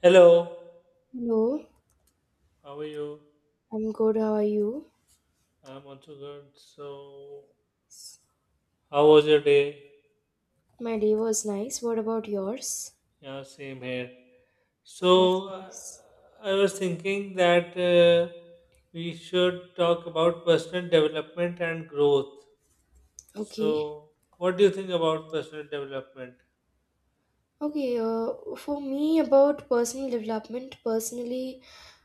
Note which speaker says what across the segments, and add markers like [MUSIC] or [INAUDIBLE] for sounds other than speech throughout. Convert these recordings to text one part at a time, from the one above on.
Speaker 1: Hello,
Speaker 2: Hello,
Speaker 1: how are you?
Speaker 2: I'm good. How are you?
Speaker 1: I'm also good. So, how was your day?
Speaker 2: My day was nice. What about yours?
Speaker 1: Yeah, same here.
Speaker 2: That's
Speaker 1: So, uh,
Speaker 2: nice.
Speaker 1: I was thinking that we should talk about personal development and growth.
Speaker 2: Okay.
Speaker 1: So, what do you think about personal development?
Speaker 2: Okay, for me, about personal development, personally,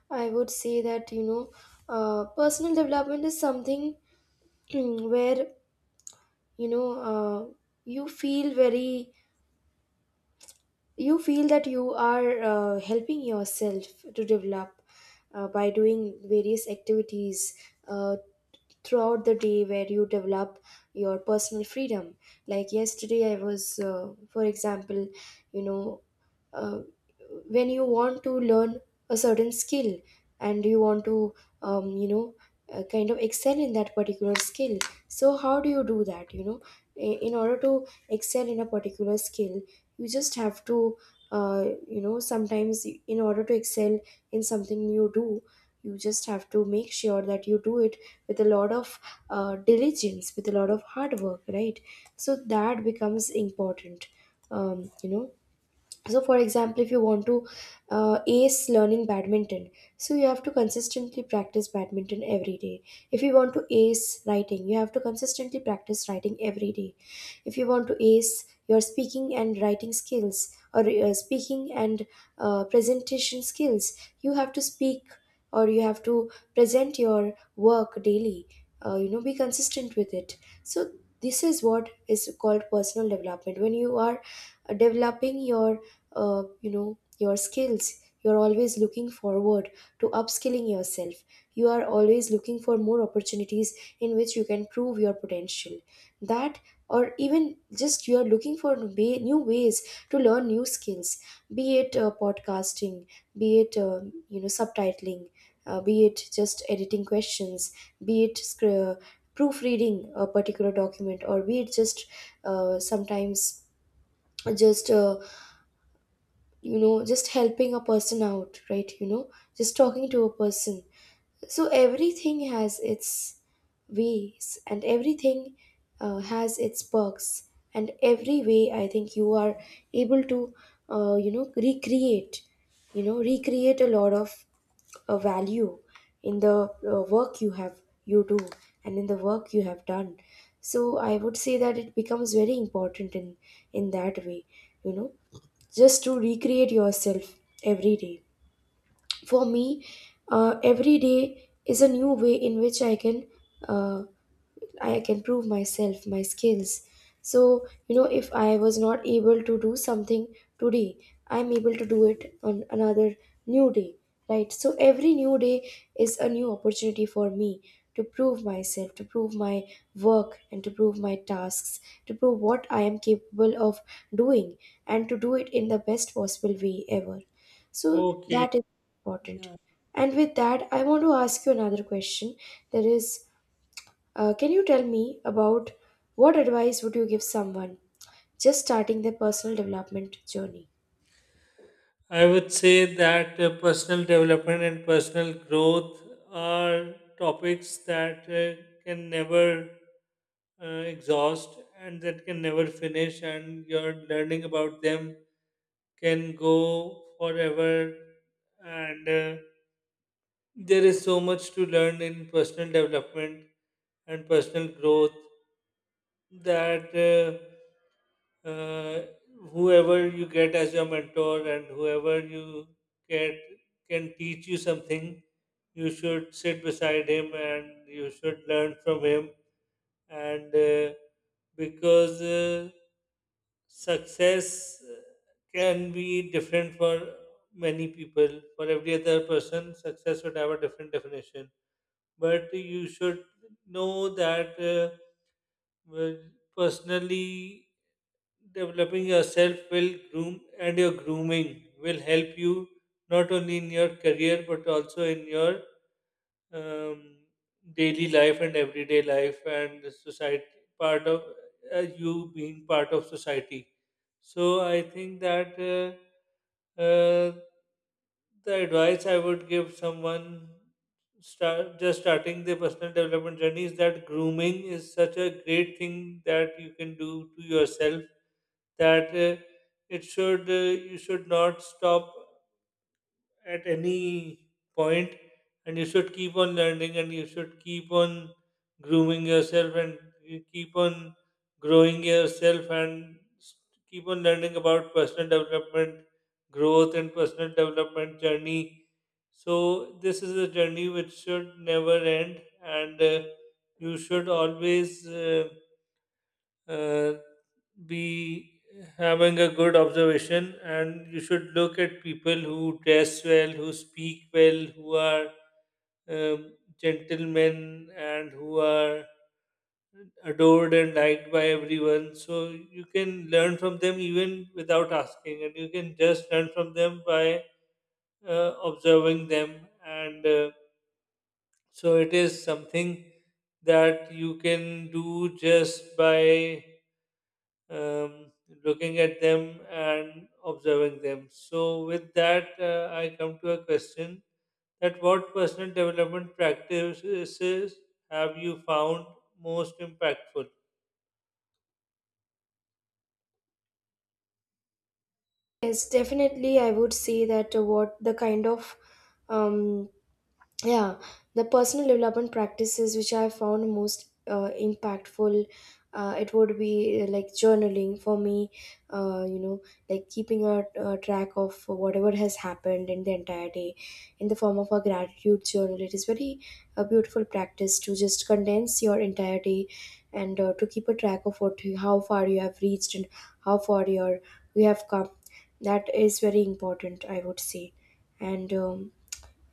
Speaker 2: I would say that, personal development is something [CLEARS THROAT] where, you know, uh, you feel very you feel that you are helping yourself to develop by doing various activities uh, throughout the day where you develop your personal freedom. Like yesterday I was, for example, you know, uh, when you want to learn a certain skill and you want to you know, kind of excel in that particular skill, so how do you do that? You know, in order to excel in a particular skill, you just have to, you know, sometimes in order to excel in something you do, you just have to make sure that you do it with a lot of, diligence, with a lot of hard work, right? So that becomes important. You know, so for example, if you want to ace learning badminton, so you have to consistently practice badminton every day. If you want to ace writing, you have to consistently practice writing every day. If you want to ace your speaking and writing skills, or speaking and presentation skills, you have to speak or you have to present your work daily, you know, be consistent with it. So this is what is called personal development, when you are developing your you know, your skills, you're always looking forward to upskilling yourself. You are always looking for more opportunities in which you can prove your potential, that, or even just you're looking for new ways to learn new skills. Be it podcasting, be it you know, subtitling, be it just editing questions, be it proofreading a particular document, or be it just sometimes just you know, just helping a person out, right? You know, just talking to a person. So everything has its ways and everything has its perks, and every way I think you are able to you know, recreate a lot of a value in the work you do and in the work you have done. So I would say that it becomes very important in that way, you know, just to recreate yourself every day. For me, every day is a new way in which I can, uh, I can prove myself, my skills. So, you know, if I was not able to do something today, I'm able to do it on another new day, right? So, every new day is a new opportunity for me to prove myself, to prove my work, and to prove my tasks, to prove what I am capable of doing, and to do it in the best possible way ever. So,
Speaker 1: Okay,
Speaker 2: that is important.
Speaker 1: yeah.
Speaker 2: And with that, I want to ask you another question. That is, can you tell me about what advice would you give someone just starting their personal development journey?
Speaker 1: I would say that personal development and personal growth are topics that can never exhaust and that can never finish, and your learning about them can go forever. And There is so much to learn in personal development and personal growth that uh, whoever you get as your mentor and whoever you get can teach you something. You should sit beside him and you should learn from him. And because Success can be different for many people. For every other person success would have a different definition, but you should know that well, personally developing yourself will groom, and your grooming will help you not only in your career but also in your um, daily life and everyday life, and the society part of you being part of society. So I think that the advice I would give someone just starting their personal development journey is that grooming is such a great thing that you can do to yourself, that it should you should not stop at any point, and you should keep on learning and you should keep on grooming yourself, and you keep on growing yourself and keep on learning about personal development growth and personal development journey. So this is a journey which should never end. And You should always uh, be having a good observation, and you should look at people who dress well, who speak well, who are um, gentlemen, and who are adored and liked by everyone, so you can learn from them even without asking, and you can just learn from them by observing them. And So it is something that you can do just by um, looking at them and observing them. So, with that, I come to a question that what personal development practices have you found most impactful?
Speaker 2: Yes, definitely. I would say that what the kind of um, yeah the personal development practices which I found most impactful, it would be, like journaling for me. You know, like keeping a track of whatever has happened in the entire day in the form of a gratitude journal. It is very a beautiful practice to just condense your entire day and to keep a track of how far you have reached and how far you're, you have come. That is very important, I would say. And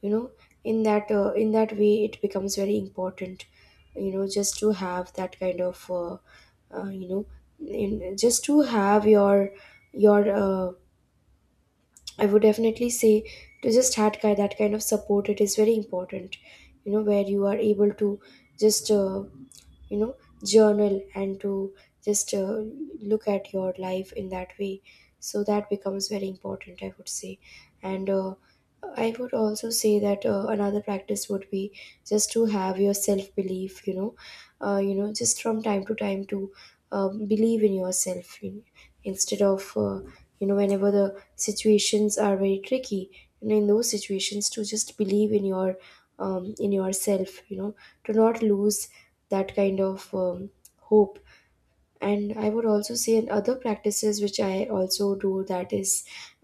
Speaker 2: you know, in that, in that way it becomes very important, you know, just to have that kind of you know, just to have your, I would definitely say to just that kind of support. It is very important, you know, where you are able to just you know, journal, and to just look at your life in that way. So that becomes very important, I would say. And I would also say that another practice would be just to have your self belief, you know, you know, just from time to time to believe in yourself, you know, instead of, you know, whenever the situations are very tricky, and in those situations, to just believe in your in yourself, you know, to not lose that kind of hope. And I would also say, in other practices which I also do, that is,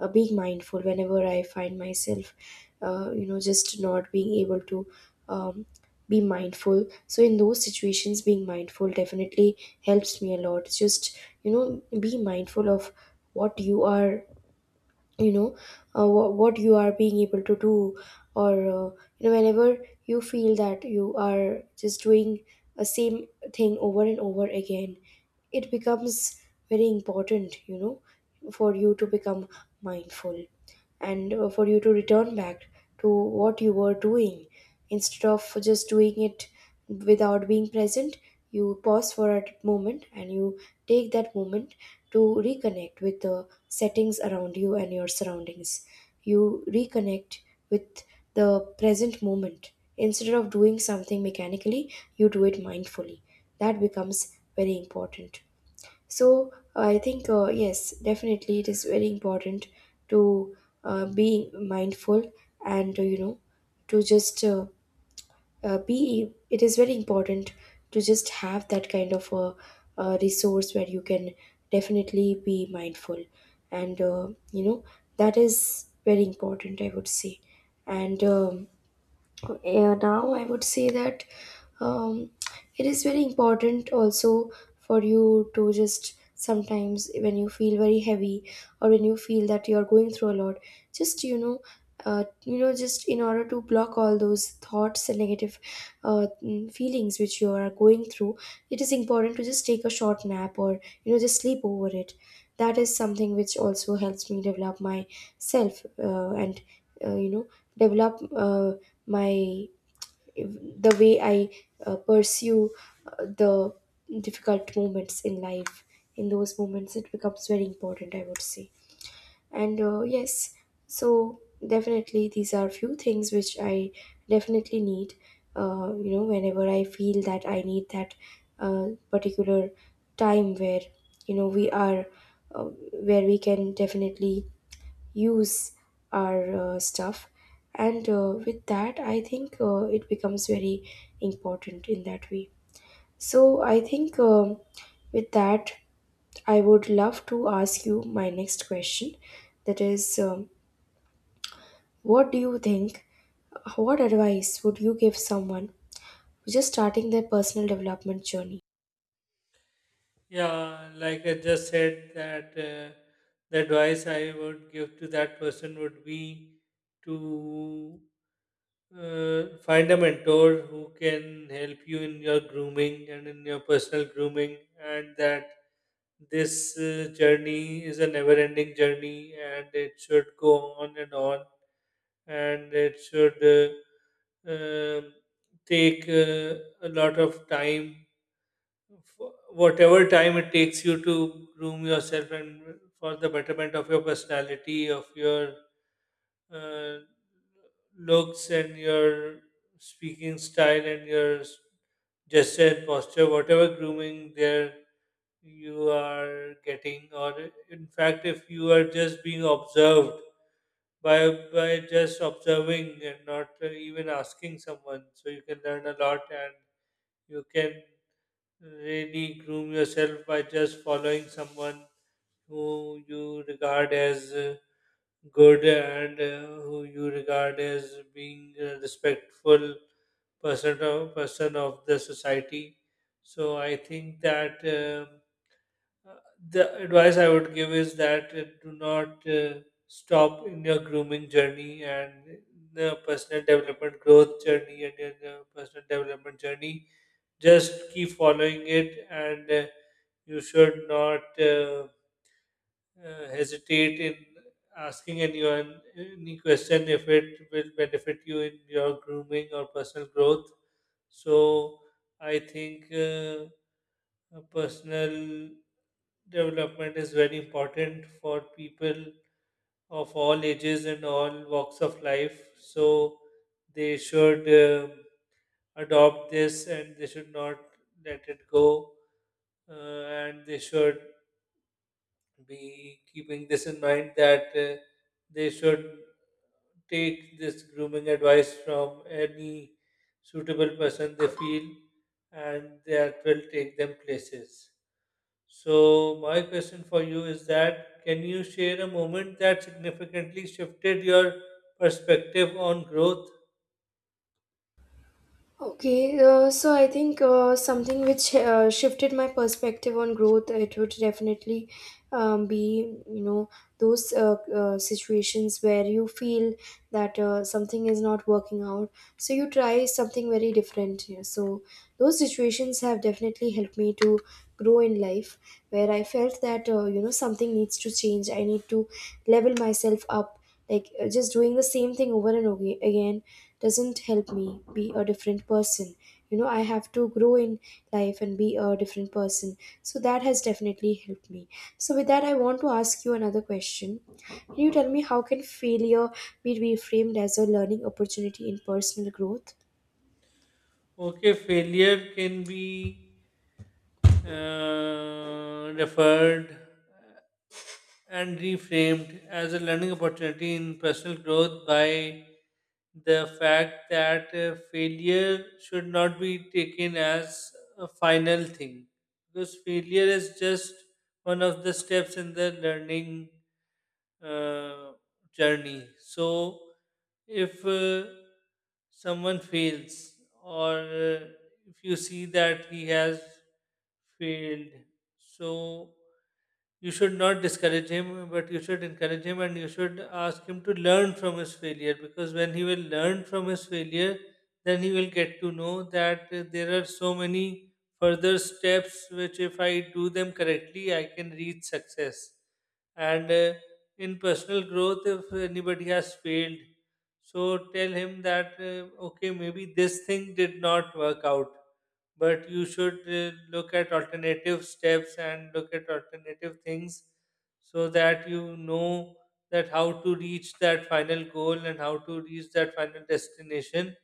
Speaker 2: being mindful whenever I find myself you know, just not being able to um, be mindful. So in those situations, being mindful definitely helps me a lot. Just, you know, be mindful of what you are, you know, what you are being able to do, or you know, whenever you feel that you are just doing a same thing over and over again, it becomes very important, you know, for you to become mindful, and for you to return back to what you were doing, instead of just doing it without being present. You pause for a moment and you take that moment to reconnect with the settings around you and your surroundings. You reconnect with the present moment, instead of doing something mechanically, you do it mindfully. That becomes very important. So I think yes, definitely it is very important to be mindful, and you know, to just be it is very important to just have that kind of a resource where you can definitely be mindful. And you know, that is very important, I would say. And yeah, now I would say that um, it is very important also for you to just sometimes, when you feel very heavy or when you feel that you are going through a lot, just, you know, just in order to block all those thoughts and negative feelings which you are going through, it is important to just take a short nap, or you know, just sleep over it. That is something which also helps me develop myself, and you know, develop my the way I pursue the difficult moments in life. In those moments it becomes very important, I would say. And yes, so definitely these are few things which I definitely need. You know, whenever I feel that I need that particular time where, you know, uh, where we can definitely use our stuff. And with that, I think it becomes very important in that way. So I think with that, I would love to ask you my next question. That is, what do you think? What advice would you give someone who's just starting their personal development journey?
Speaker 1: Yeah, like I just said, that the advice I would give to that person would be to find a mentor who can help you in your grooming and in your personal grooming, and that this journey is a never ending journey, and it should go on, and it should um take a lot of time, whatever time it takes you to groom yourself and for the betterment of your personality, of your uh, looks and your speaking style and your gesture and posture, whatever grooming there you are getting, or in fact, if you are just being observed by just observing and not even asking someone, so you can learn a lot and you can really groom yourself by just following someone who you regard as good, and who you regard as being a respectful person of the society. So I think that uh, the advice I would give is that do not stop in your grooming journey and the personal development growth journey and your personal development journey. Just keep following it, and you should not. Hesitate in asking anyone any question if it will benefit you in your grooming or personal growth. So I think personal development is very important for people of all ages and all walks of life. So they should adopt this and they should not let it go, uh, and they should be keeping this in mind that they should take this grooming advice from any suitable person they feel, and that will take them places. So, my question for you is that can you share a moment that significantly shifted your perspective on growth?
Speaker 2: Okay, so I think something which shifted my perspective on growth, it would definitely be, you know, those situations where you feel that something is not working out. So you try something very different. Yeah. So those situations have definitely helped me to grow in life, where I felt that, you know, something needs to change. I need to level myself up. Like just doing the same thing over and over again doesn't help me be a different person. You know, I have to grow in life and be a different person. So that has definitely helped me. So with that, I want to ask you another question. Can you tell me how can failure be reframed as a learning opportunity in personal growth?
Speaker 1: Okay, failure can be referred and reframed as a learning opportunity in personal growth by the fact that failure should not be taken as a final thing, because failure is just one of the steps in the learning uh, journey. So, if someone fails, or if you see that he has failed, so you should not discourage him, but you should encourage him and you should ask him to learn from his failure, because when he will learn from his failure, then he will get to know that there are so many further steps which, if I do them correctly, I can reach success. And In personal growth, if anybody has failed, so tell him that okay, maybe this thing did not work out, but you should look at alternative steps and look at alternative things, so that you know that how to reach that final goal and how to reach that final destination,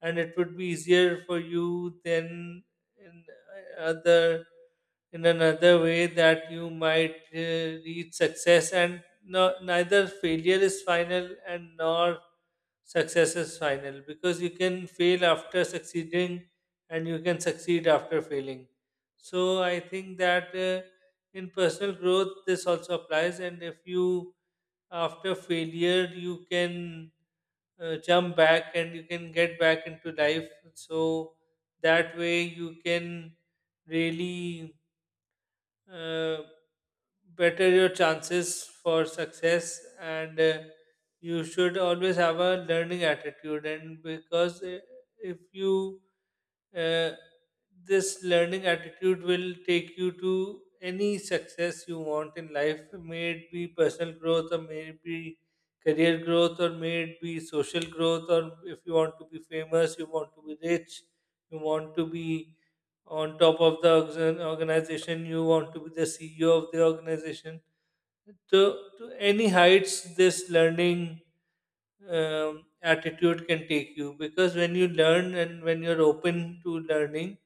Speaker 1: and it would be easier for you than in uh, other in another way that you might reach success. And no, neither failure is final, and nor success is final, because you can fail after succeeding, and you can succeed after failing. So I think that in personal growth, this also applies. And if you, after failure, you can jump back and you can get back into life. So that way, you can really uh, better your chances for success. And you should always have a learning attitude. And because if you uh, this learning attitude will take you to any success you want in life, may it be personal growth, or may it be career growth, or may it be social growth, or if you want to be famous, you want to be rich, you want to be on top of the organization, you want to be the CEO of the organization. To any heights, this learning attitude can take you, because when you learn and when you're open to learning,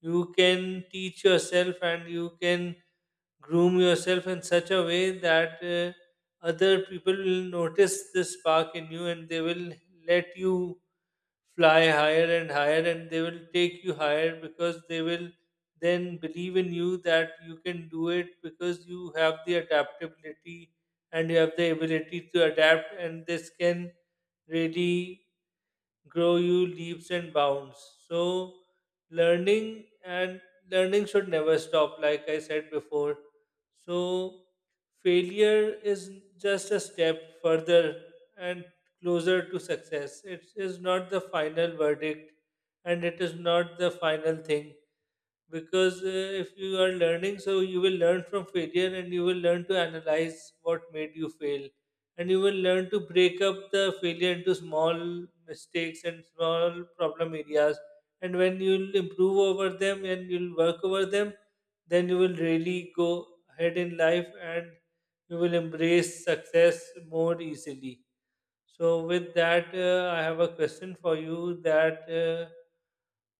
Speaker 1: you can teach yourself and you can groom yourself in such a way that other people will notice the spark in you, and they will let you fly higher and higher, and they will take you higher, because they will then believe in you that you can do it, because you have the adaptability and you have the ability to adapt, and this can really grow you leaps and bounds. So learning and learning should never stop, like I said before. So failure is just a step further and closer to success. It is not the final verdict, and it is not the final thing, because if you are learning, so you will learn from failure and you will learn to analyze what made you fail, and you will learn to break up the failure into small mistakes and small problem areas, and when you'll improve over them and you'll work over them, then you will really go ahead in life, and you will embrace success more easily. So with that, I have a question for you. That uh,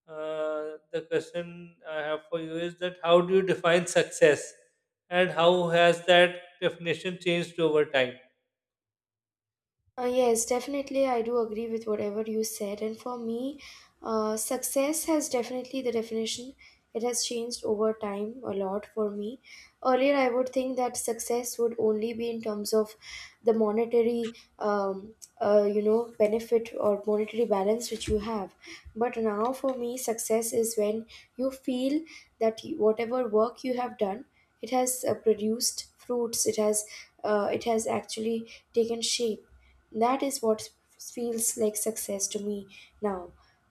Speaker 1: uh, the question I have for you is that how do you define success, and how has that definition changed over time?
Speaker 2: Yes, definitely. I do agree with whatever you said. And for me, success has definitely the definition. It has changed over time a lot for me. Earlier, I would think that success would only be in terms of the monetary, you know, benefit, or monetary balance which you have. But now, for me, success is when you feel that whatever work you have done, it has produced fruits. It has actually taken shape. That is what feels like success to me now.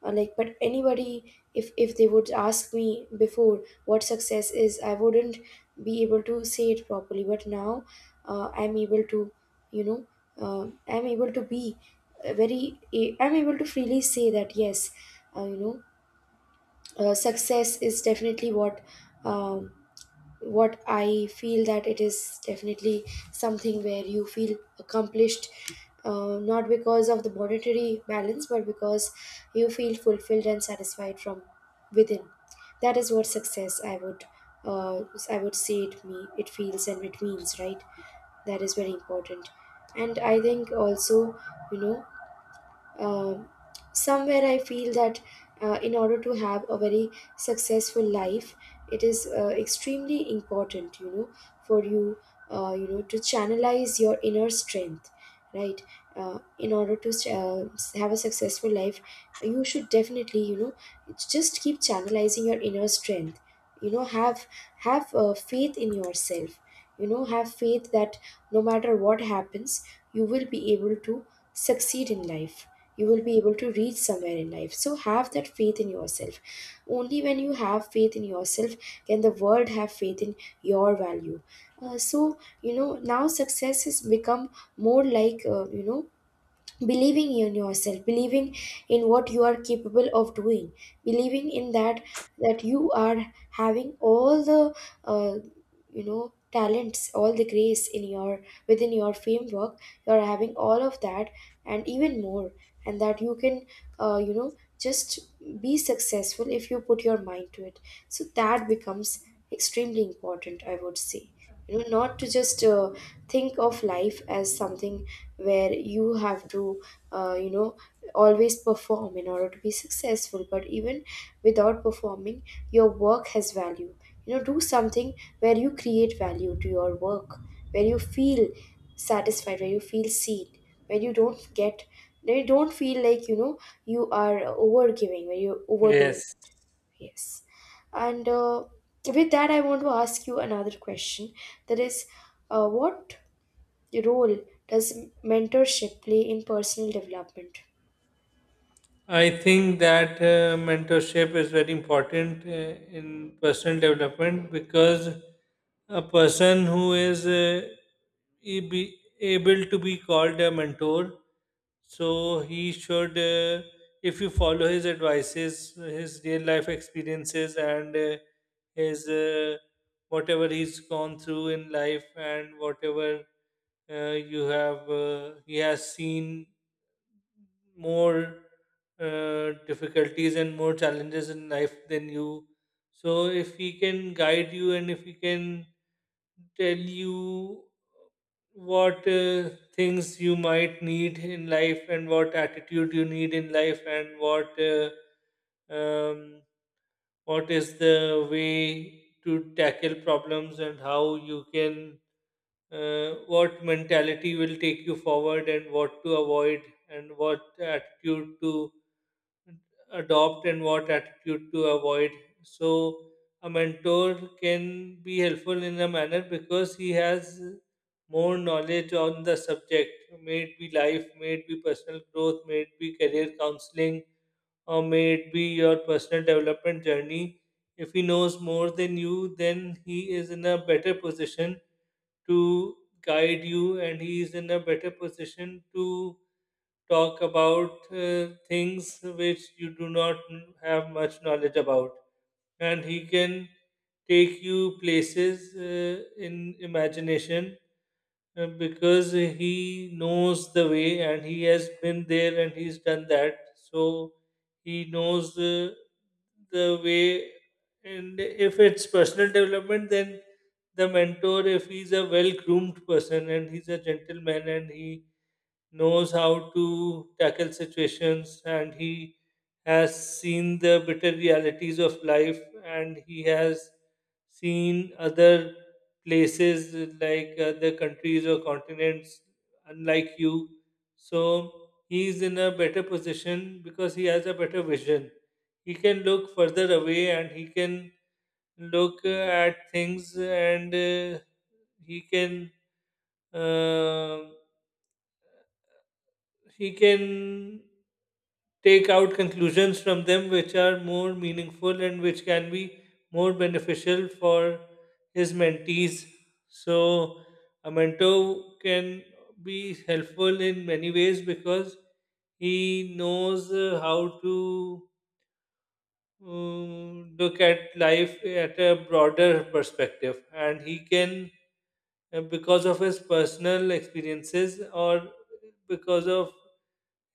Speaker 2: Like, but anybody, if they would ask me before what success is, I wouldn't be able to say it properly, but now I'm able to, you know, uh, I'm able to be a very I'm able to freely say that yes, you know, success is definitely um, what I feel that it is definitely something where you feel accomplished, not because of the monetary balance, but because you feel fulfilled and satisfied from within. That is what success I would, uh, I would say it feels and it means, right. That is very important, and I think also you know um somewhere I feel that in order to have a very successful life, it is extremely important, for you, to channelize your inner strength, right? In order to have a successful life, you should definitely, just keep channelizing your inner strength. Have have faith in yourself. Have faith that no matter what happens you will be able to succeed in life. You will be able to reach somewhere in life, so have that faith in yourself. Only when you have faith in yourself can the world have faith in your value. Uh, so Now success has become more like, believing in yourself, believing in what you are capable of doing, believing in that, that you are having all the uh, talents, all the grace in your, within your framework. You are having all of that and even more, and that you can, just be successful if you put your mind to it. So that becomes extremely important, I would say, not to just think of life as something where you have to, uh, you know always perform in order to be successful. But even without performing, your work has value. Do something where you create value to your work, where you feel satisfied, where you feel seen, where you don't get where you don't feel like, you are over giving, where you're overdoing.
Speaker 1: Yes.
Speaker 2: Yes. And with that, I want to ask you another question. That is, what role does mentorship play in personal development?
Speaker 1: I think that mentorship is very important in personal development, because a person who is be able to be called a mentor, so he should, if you follow his advices, his real life experiences, and his whatever he's gone through in life, and whatever you have he has seen more difficulties and more challenges in life than you. So if he can guide you and if he can tell you what things you might need in life and what attitude you need in life and um, what is the way to tackle problems, and how you can what mentality will take you forward and what to avoid and what attitude to adopt and what attitude to avoid. So, a mentor can be helpful in a manner because he has more knowledge on the subject, may it be life, may it be personal growth, may it be career counseling, or may it be your personal development journey. If he knows more than you, then he is in a better position to guide you, and he is in a better position to talk about things which you do not have much knowledge about, and he can take you places in imagination, because he knows the way and he has been there and he's done that, so he knows the way. And if it's personal development, then the mentor, if he's a well groomed person and he's a gentleman, and he knows how to tackle situations, and he has seen the bitter realities of life, and he has seen other places like other countries or continents, unlike you, so he's in a better position because he has a better vision. He can look further away, and he can look at things, and he can um, he can take out conclusions from them which are more meaningful and which can be more beneficial for his mentees. So, a mentor can be helpful in many ways, because he knows how to look at life at a broader perspective, and he can because of his personal experiences or because of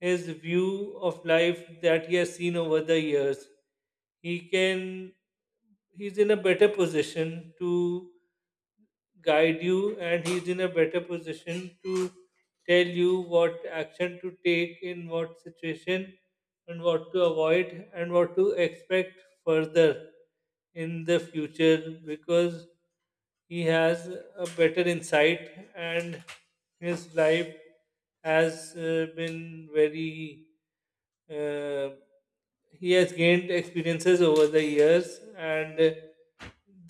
Speaker 1: his view of life that he has seen over the years, he can he's in a better position to guide you, and he's in a better position to tell you what action to take in what situation, and what to avoid, and what to expect further in the future, because he has a better insight, and his life has been very uh, he has gained experiences over the years, and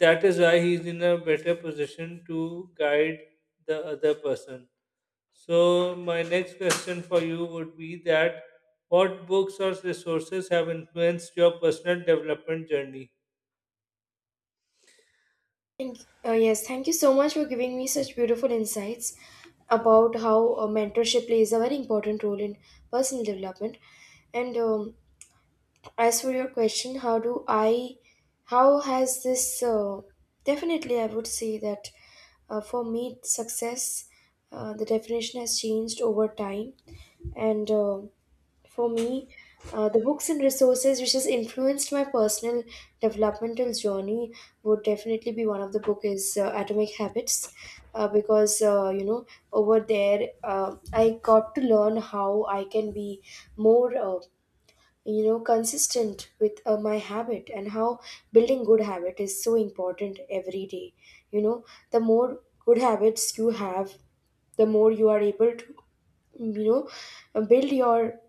Speaker 1: that is why he's in a better position to guide the other person. So my next question for you would be that what books or resources have influenced your personal development journey?
Speaker 2: Thank Yes, thank you so much for giving me such beautiful insights about how mentorship plays a very important role in personal development. And as for your question, how has this definitely, I would say that for me success, the definition has changed over time. And for me, the books and resources which has influenced my personal developmental journey would definitely be, one of the book is, Atomic Habits. Because over there I got to learn how I can be more, consistent with my habit, and how building good habit is so important every day. you know the more good habits you have, the more you are able to, you know build your,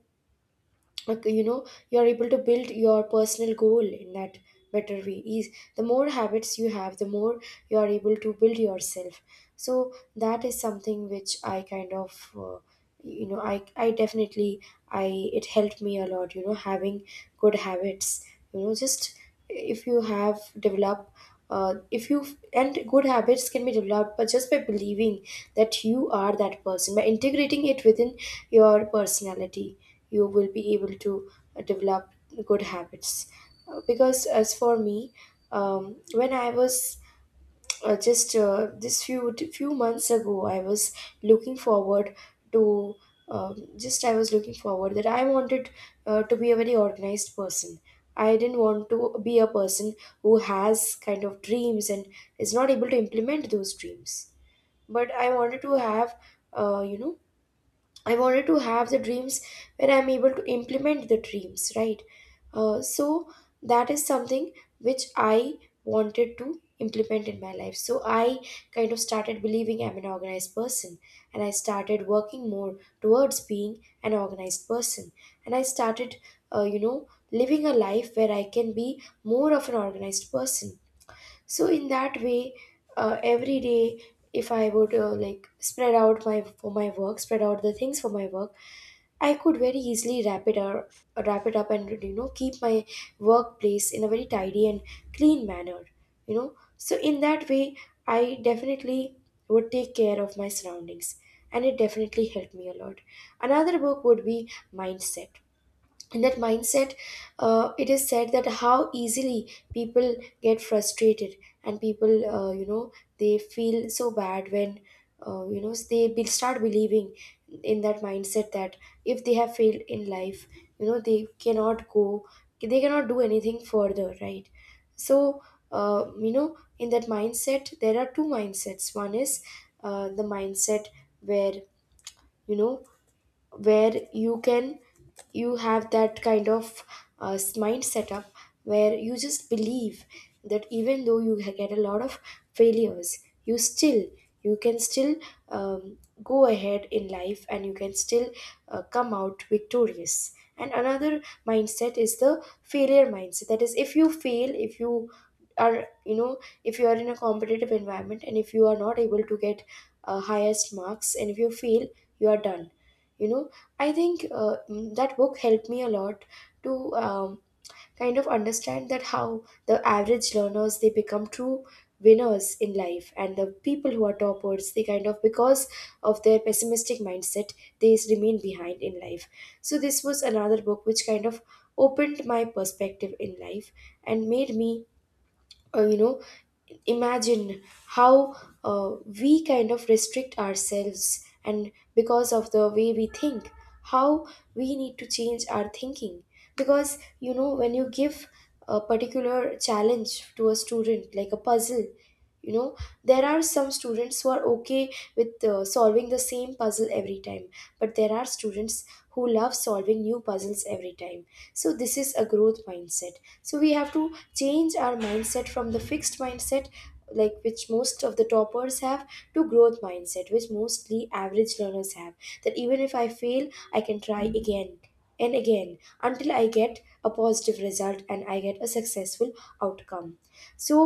Speaker 2: like, you're able to build your personal goal in that better way. Is the more habits you have, the more you are able to build yourself. So that is something which I kind of, you know I definitely, I it helped me a lot, having good habits. Just if you have develop, if you, and good habits can be developed, but just by believing that you are that person, by integrating it within your personality, you will be able to develop good habits. Because as for me, um, when I was, just this few months ago, I was looking forward to, um, just I was looking forward that I wanted to be a very organized person. I didn't want to be a person who has kind of dreams and is not able to implement those dreams, but I wanted to have, I wanted to have the dreams where I'm able to implement the dreams, right? So that is something which I wanted to implement in my life. So I kind of started believing I'm an organized person, and I started working more towards being an organized person. And I started, living a life where I can be more of an organized person. So in that way, every day, if I would, like, spread out my for my work, spread out the things for my work, I could very easily wrap it, or wrap it up, and keep my workplace in a very tidy and clean manner. You know, so in that way, I definitely would take care of my surroundings, and it definitely helped me a lot. Another book would be Mindset. In that, Mindset, it is said that how easily people get frustrated, and people, they feel so bad when, they start believing in that mindset that if they have failed in life, they cannot go, they cannot do anything further, right? So in that mindset, there are two mindsets. One is the mindset where, you know where you can, you have that kind of mind setup where you just believe that even though you get a lot of failures, you still, you can still, um, go ahead in life, and you can still come out victorious. And another mindset is the failure mindset. That is, if you fail, if you are, if you are in a competitive environment, and if you are not able to get highest marks, and if you fail, you are done, you know. I think that book helped me a lot to, um, kind of understand that how the average learners, they become true winners in life, and the people who are toppers, they kind of, because of their pessimistic mindset, they remain behind in life. So this was another book which kind of opened my perspective in life and made me, uh, you know imagine how uh, we kind of restrict ourselves, and because of the way we think, how we need to change our thinking. Because when you give a particular challenge to a student, like a puzzle, you know there are some students who are okay with solving the same puzzle every time, but there are students who love solving new puzzles every time. So this is a growth mindset. So we have to change our mindset from the fixed mindset, like which most of the toppers have, to growth mindset, which mostly average learners have. That even if I fail, I can try again and again until I get a positive result and I get a successful outcome. So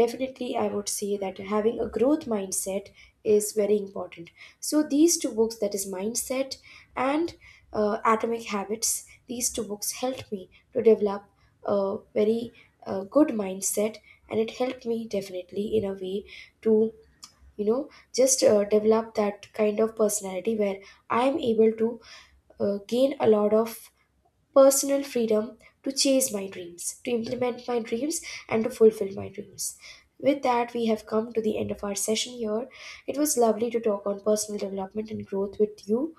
Speaker 2: definitely, I would say that having a growth mindset is very important. So these two books, that is Mindset and Atomic Habits, these two books helped me to develop a very good mindset. And it helped me definitely in a way to, you know just develop that kind of personality where I am able to gain a lot of personal freedom to chase my dreams, to implement my dreams, and to fulfill my dreams. With that, we have come to the end of our session here. It was lovely to talk on personal development and growth with you.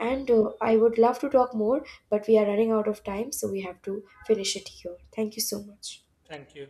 Speaker 2: And
Speaker 1: Thank you.
Speaker 2: I would love to talk more, but we are running out of time, so we have to finish it here. Thank you so much.
Speaker 1: Thank you.